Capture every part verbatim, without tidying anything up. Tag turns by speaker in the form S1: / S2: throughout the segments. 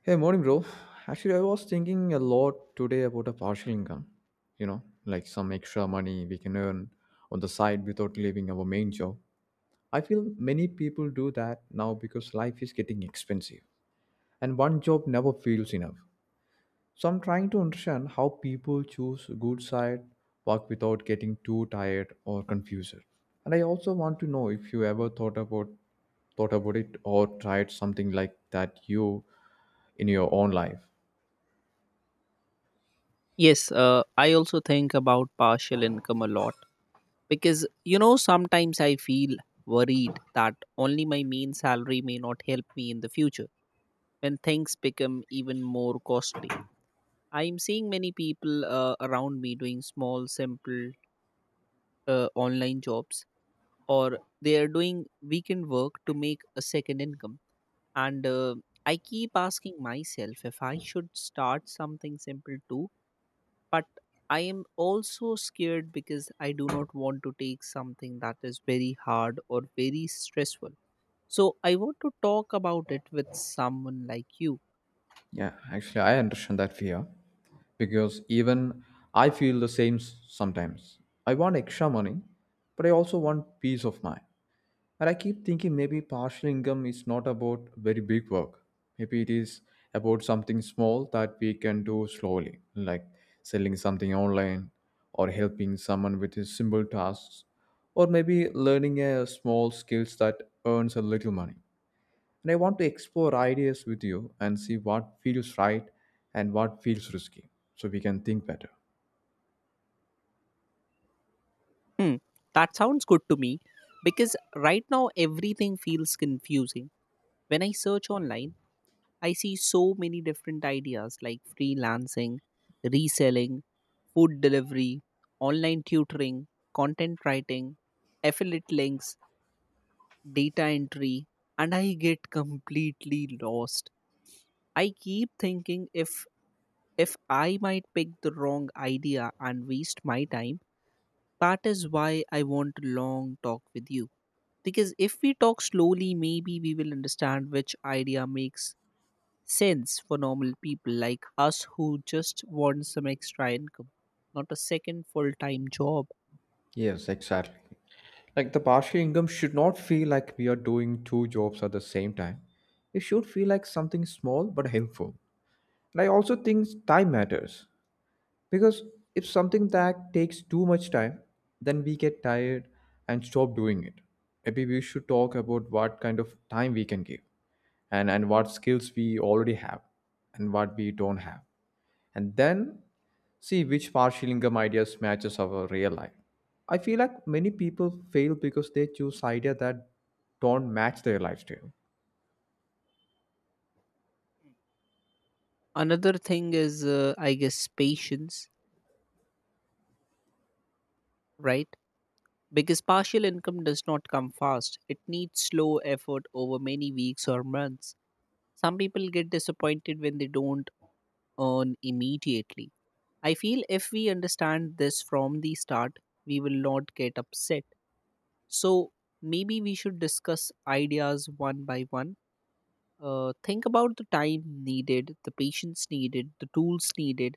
S1: Hey, morning, bro. Actually, I was thinking a lot today about a partial income, you know, like some extra money we can earn on the side without leaving our main job. I feel many people do that now because life is getting expensive and one job never feels enough. So I'm trying to understand how people choose good side work without getting too tired or confused. And I also want to know if you ever thought about thought about it or tried something like that you in your own life.
S2: Yes, uh, I also think about partial income a lot because you know sometimes I feel worried that only my main salary may not help me in the future when things become even more costly. I am seeing many people uh, around me doing small, simple uh, online jobs, or they are doing weekend work to make a second income. And uh, I keep asking myself if I should start something simple too, but I am also scared because I do not want to take something that is very hard or very stressful, so I want to talk about it with someone like you.
S1: Yeah, actually, I understand that fear because even I feel the same s- sometimes. I want extra money, but I also want peace of mind. And I keep thinking maybe partial income is not about very big work. Maybe it is about something small that we can do slowly, like selling something online or helping someone with his simple tasks, or maybe learning a small skills that earns a little money. And I want to explore ideas with you and see what feels right and what feels risky so we can think better.
S2: Hmm. That sounds good to me, because right now everything feels confusing. When I search online, I see so many different ideas like freelancing, reselling, food delivery, online tutoring, content writing, affiliate links, data entry, and I get completely lost. I keep thinking if if i might pick the wrong idea and waste my time. That is why I want a long talk with you, because if we talk slowly, maybe we will understand which idea makes sense for normal people like us who just want some extra income, not a second full time job.
S1: Yes, exactly. Like the partial income should not feel like we are doing two jobs at the same time. It should feel like something small but helpful. And I also think time matters because if something that takes too much time, then we get tired and stop doing it. Maybe we should talk about what kind of time we can give, and and what skills we already have and what we don't have, and then see which partial income ideas matches our real life. I feel like many people fail because they choose idea that don't match their lifestyle.
S2: Another thing is, uh, I guess, patience, right? Because partial income does not come fast, it needs slow effort over many weeks or months. Some people get disappointed when they don't earn immediately. I feel if we understand this from the start, we will not get upset. So maybe we should discuss ideas one by one. Uh, think about the time needed, the patience needed, the tools needed,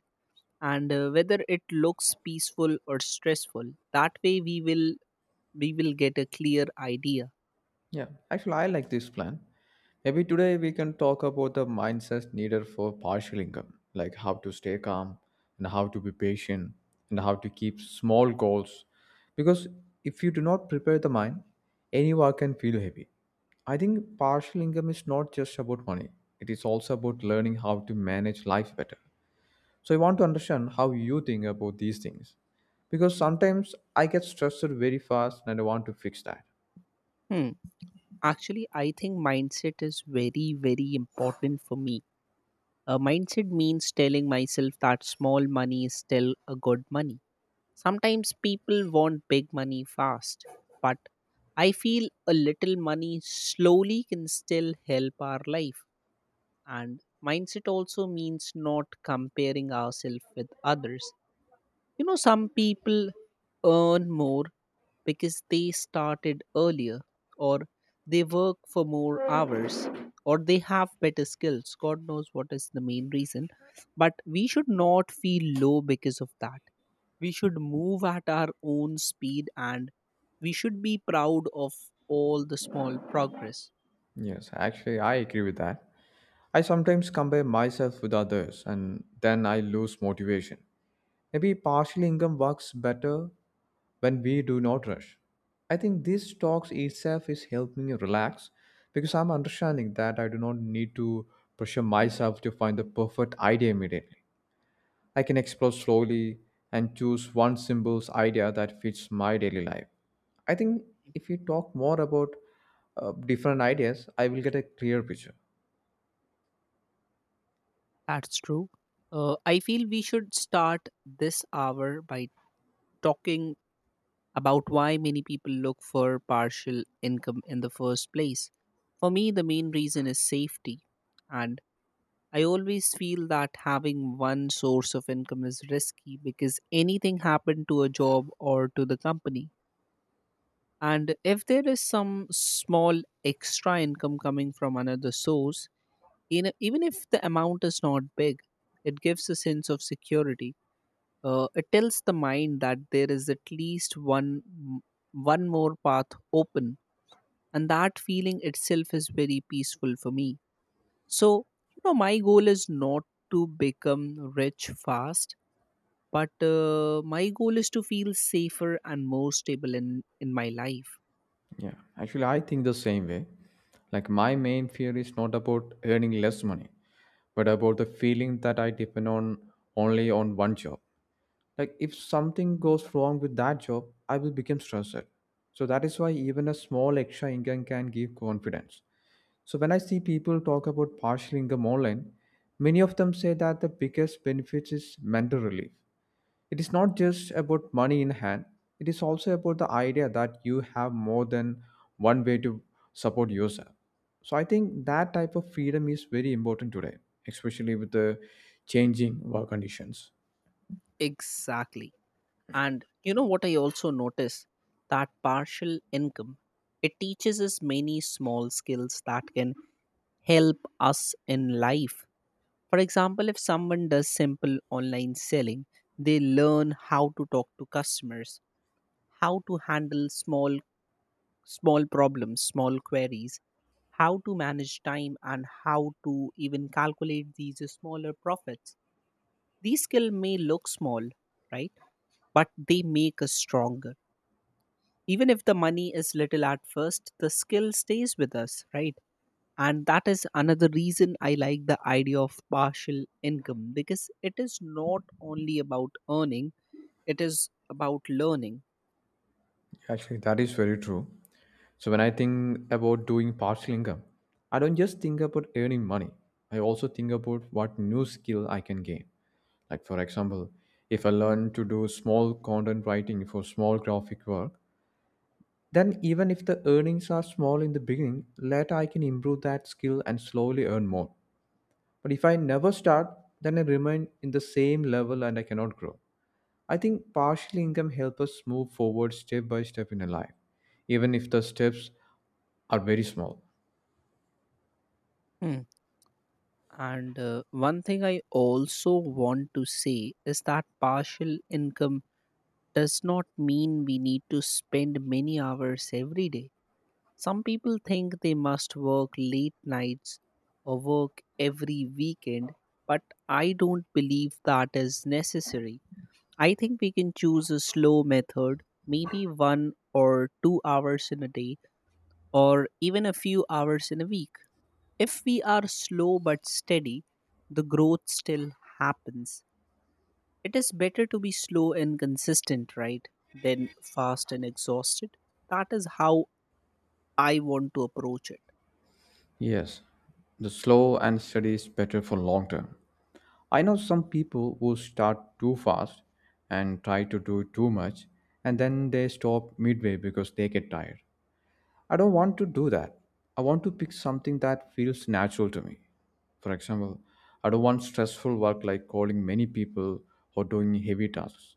S2: and uh, whether it looks peaceful or stressful. That way, we will we will get a clear idea.
S1: Yeah, actually, I like this plan. Maybe today we can talk about the mindset needed for partial income, like how to stay calm and how to be patient and how to keep small goals. Because if you do not prepare the mind, any work can feel heavy. I think partial income is not just about money, it is also about learning how to manage life better. So, I want to understand how you think about these things. Because sometimes I get stressed very fast and I want to fix that.
S2: Hmm. Actually, I think mindset is very, very important for me. A mindset means telling myself that small money is still a good money. Sometimes people want big money fast, but I feel a little money slowly can still help our life. And mindset also means not comparing ourselves with others. You know, some people earn more because they started earlier, or they work for more hours, or they have better skills. God knows what is the main reason. But we should not feel low because of that. We should move at our own speed, and we should be proud of all the small progress.
S1: Yes, actually, I agree with that. I sometimes compare myself with others and then I lose motivation. Maybe partial income works better when we do not rush. I think this talks itself is helping me relax because I'm understanding that I do not need to pressure myself to find the perfect idea immediately. I can explore slowly and choose one simple idea that fits my daily life. I think if we talk more about uh, different ideas, I will get a clear picture.
S2: That's true. Uh, I feel we should start this hour by talking about why many people look for partial income in the first place. For me, the main reason is safety. And I always feel that having one source of income is risky, because anything happened to a job or to the company. And if there is some small extra income coming from another source, in even if the amount is not big, it gives a sense of security. Uh, it tells the mind that there is at least one m- one more path open, and that feeling itself is very peaceful for me. So, you know, my goal is not to become rich fast, but uh, my goal is to feel safer and more stable in in my life.
S1: Yeah, actually, I think the same way. Like, my main fear is not about earning less money, but about the feeling that I depend on only on one job. Like, if something goes wrong with that job, I will become stressed. So, that is why even a small extra income can give confidence. So, when I see people talk about partial income online, many of them say that the biggest benefit is mental relief. It is not just about money in hand, it is also about the idea that you have more than one way to support yourself. So I think that type of freedom is very important today, especially with the changing work conditions.
S2: Exactly, and you know what, I also notice that partial income, it teaches us many small skills that can help us in life. For example, if someone does simple online selling, they learn how to talk to customers, how to handle small small problems, small queries, how to manage time, and how to even calculate these smaller profits. These skills may look small, right? But they make us stronger. Even if the money is little at first, the skill stays with us, right? And that is another reason I like the idea of partial income, because it is not only about earning, it is about learning.
S1: Actually, that is very true. So when I think about doing partial income, I don't just think about earning money. I also think about what new skill I can gain. Like for example, if I learn to do small content writing for small graphic work, then, even if the earnings are small in the beginning, later I can improve that skill and slowly earn more. But if I never start, then I remain in the same level and I cannot grow. I think partial income helps us move forward step by step in a life, even if the steps are very small.
S2: Hmm. and uh, one thing I also want to say is that partial income does not mean we need to spend many hours every day. Some people think they must work late nights or work every weekend, but I don't believe that is necessary. I think we can choose a slow method, maybe one or two hours in a day, or even a few hours in a week. If we are slow but steady, the growth still happens. It is better to be slow and consistent, right, than fast and exhausted. That is how I want to approach it.
S1: Yes, the slow and steady is better for long term. I know some people who start too fast and try to do too much and then they stop midway because they get tired. I don't want to do that. I want to pick something that feels natural to me. For example, I don't want stressful work like calling many people or doing heavy tasks.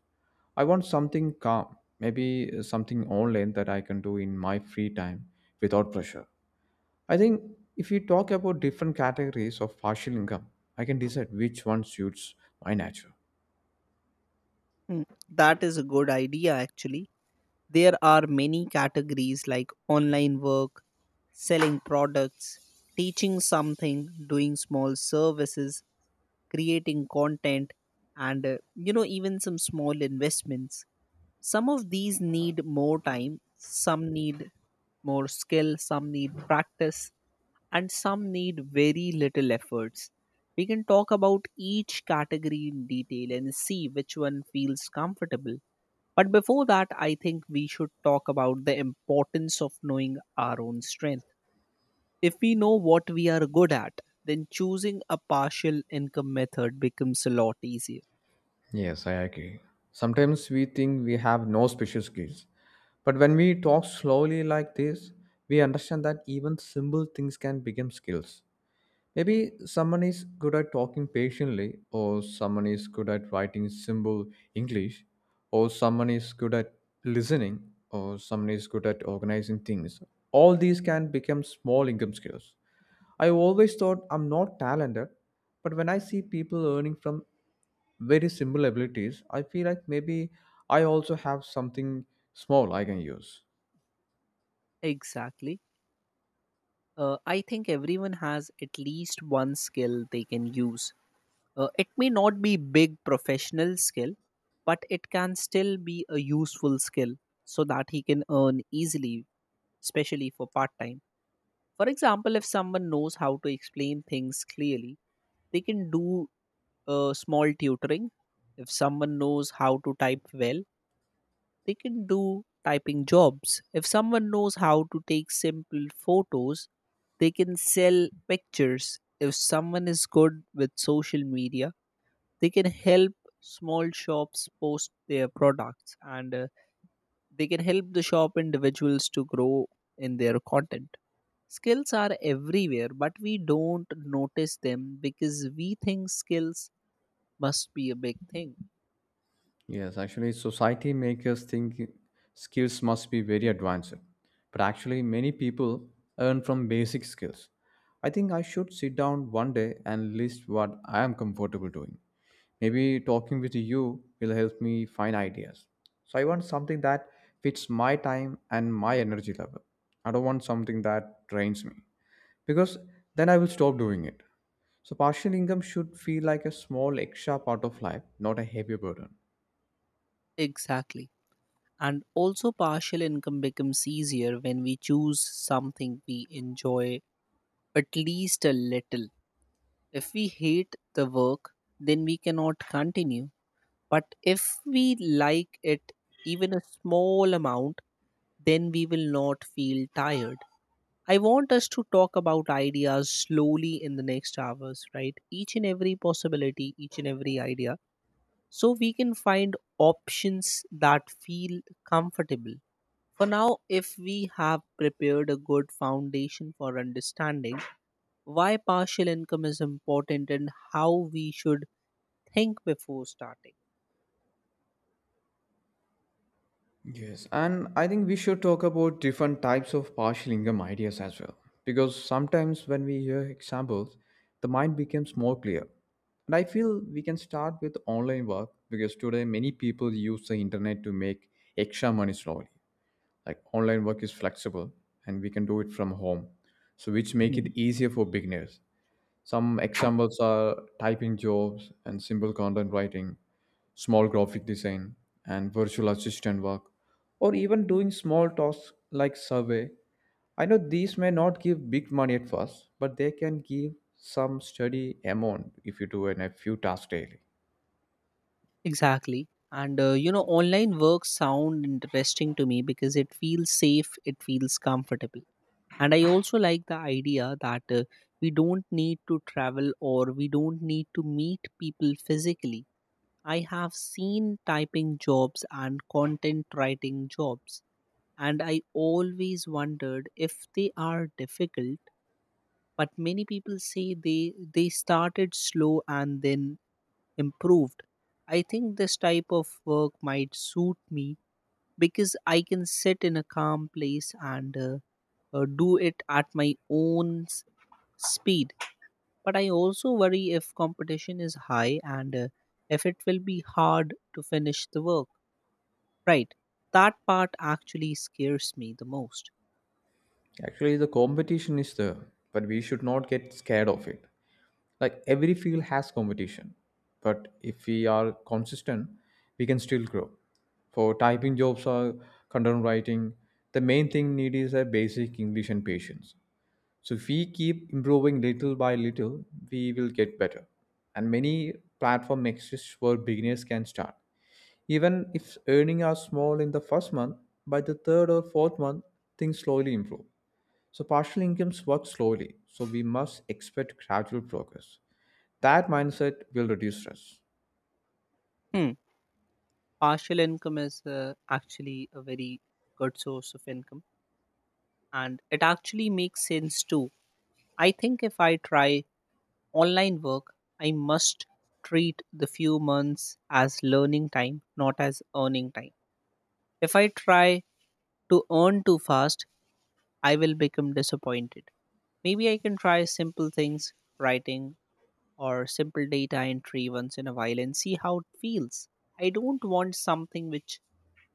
S1: I want something calm, maybe something online that I can do in my free time without pressure. I think if we talk about different categories of partial income, I can decide which one suits my nature.
S2: Hmm. That is a good idea, actually. There are many categories like online work, selling products, teaching something, doing small services, creating content, and uh, you know, even some small investments. Some of these need more time, some need more skill, some need practice, and some need very little efforts. We can talk about each category in detail and see which one feels comfortable. But before that, I think we should talk about the importance of knowing our own strength. If we know what we are good at, then choosing a partial income method becomes a lot easier.
S1: Yes, I agree. Sometimes we think we have no special skills. But when we talk slowly like this, we understand that even simple things can become skills. Maybe someone is good at talking patiently, or someone is good at writing simple English, or someone is good at listening, or someone is good at organizing things. All these can become small income skills. I always thought I'm not talented, but when I see people earning from very similar abilities, I feel like maybe I also have something small I can use.
S2: Exactly. Uh, I think everyone has at least one skill they can use. Uh, it may not be big professional skill, but it can still be a useful skill so that he can earn easily, especially for part time. For example, if someone knows how to explain things clearly, they can do uh, small tutoring. If someone knows how to type well, they can do typing jobs. If someone knows how to take simple photos, they can sell pictures. If someone is good with social media, they can help small shops post their products, and uh, they can help the shop individuals to grow in their content. Skills are everywhere, but we don't notice them because we think skills must be a big thing.
S1: Yes, actually, society makes us think skills must be very advanced, but actually, many people earn from basic skills. I think I should sit down one day and list what I am comfortable doing. Maybe talking with you will help me find ideas. So, I want something that fits my time and my energy level. I don't want something that drains me because then I will stop doing it. So, partial income should feel like a small extra part of life, not a heavy burden.
S2: Exactly. And also, partial income becomes easier when we choose something we enjoy at least a little. If we hate the work, then we cannot continue. But if we like it even a small amount, then we will not feel tired. I want us to talk about ideas slowly in the next hours, right? Each and every possibility, each and every idea, so we can find options that feel comfortable. For now, if we have prepared a good foundation for understanding why partial income is important and how we should think before starting.
S1: Yes, and I think we should talk about different types of partial income ideas as well. Because sometimes when we hear examples, the mind becomes more clear. And I feel we can start with online work because today many people use the internet to make extra money slowly. Like online work is flexible and we can do it from home, so which make
S2: Hmm.
S1: it easier for beginners. Some examples are typing jobs and simple content writing, small graphic design, and virtual assistant work, or even doing small tasks like survey. I know these may not give big money at first, but they can give some steady amount if you do in a few tasks daily.
S2: Exactly. And uh, you know, online work sound interesting to me, because it feels safe, it feels comfortable. And I also like the idea that uh, we don't need to travel, or we don't need to meet people physically. I have seen typing jobs and content writing jobs, and I always wondered if they are difficult. But many people say they they started slow and then improved. I think this type of work might suit me, because I can sit in a calm place and uh, uh, do it at my own s- speed. But I also worry if competition is high, and uh, if it will be hard to finish the work. Right. That part actually scares me the most.
S1: Actually, the competition is there, but we should not get scared of it. Like every field has competition, but if we are consistent we can still grow. For typing jobs or content writing, the main thing need is a basic English and patience, so if we keep improving little by little we will get better, and many platform exist where beginners can start. Even if earnings are small in the first month, by the third or fourth month things slowly improve. So partial incomes work slowly, so we must expect gradual progress. That mindset will reduce stress.
S2: Hmm. Partial income is, uh, actually, a very good source of income, and it actually makes sense too. I think if I try online work, I must treat the few months as learning time, not as earning time. If I try to earn too fast, I will become disappointed. Maybe I can try simple things, writing or simple data entry once in a while, and see how it feels. I don't want something which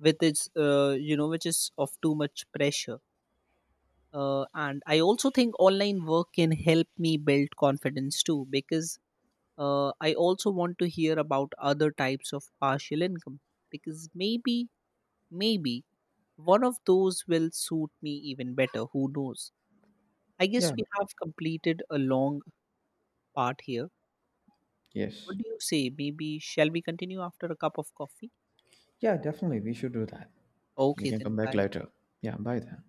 S2: with its uh, you know which is of too much pressure. Uh, and I also think online work can help me build confidence too, because uh, i also want to hear about other types of partial income, because maybe maybe one of those will suit me even better. Who knows? I guess
S1: Yeah.
S2: we have completed a long part here. What
S1: Yes.
S2: do you say, maybe shall we continue after a cup of coffee?
S1: Yeah, definitely. We should do that. We
S2: Okay,
S1: can come
S2: then
S1: back
S2: bye.
S1: later. Yeah, bye then.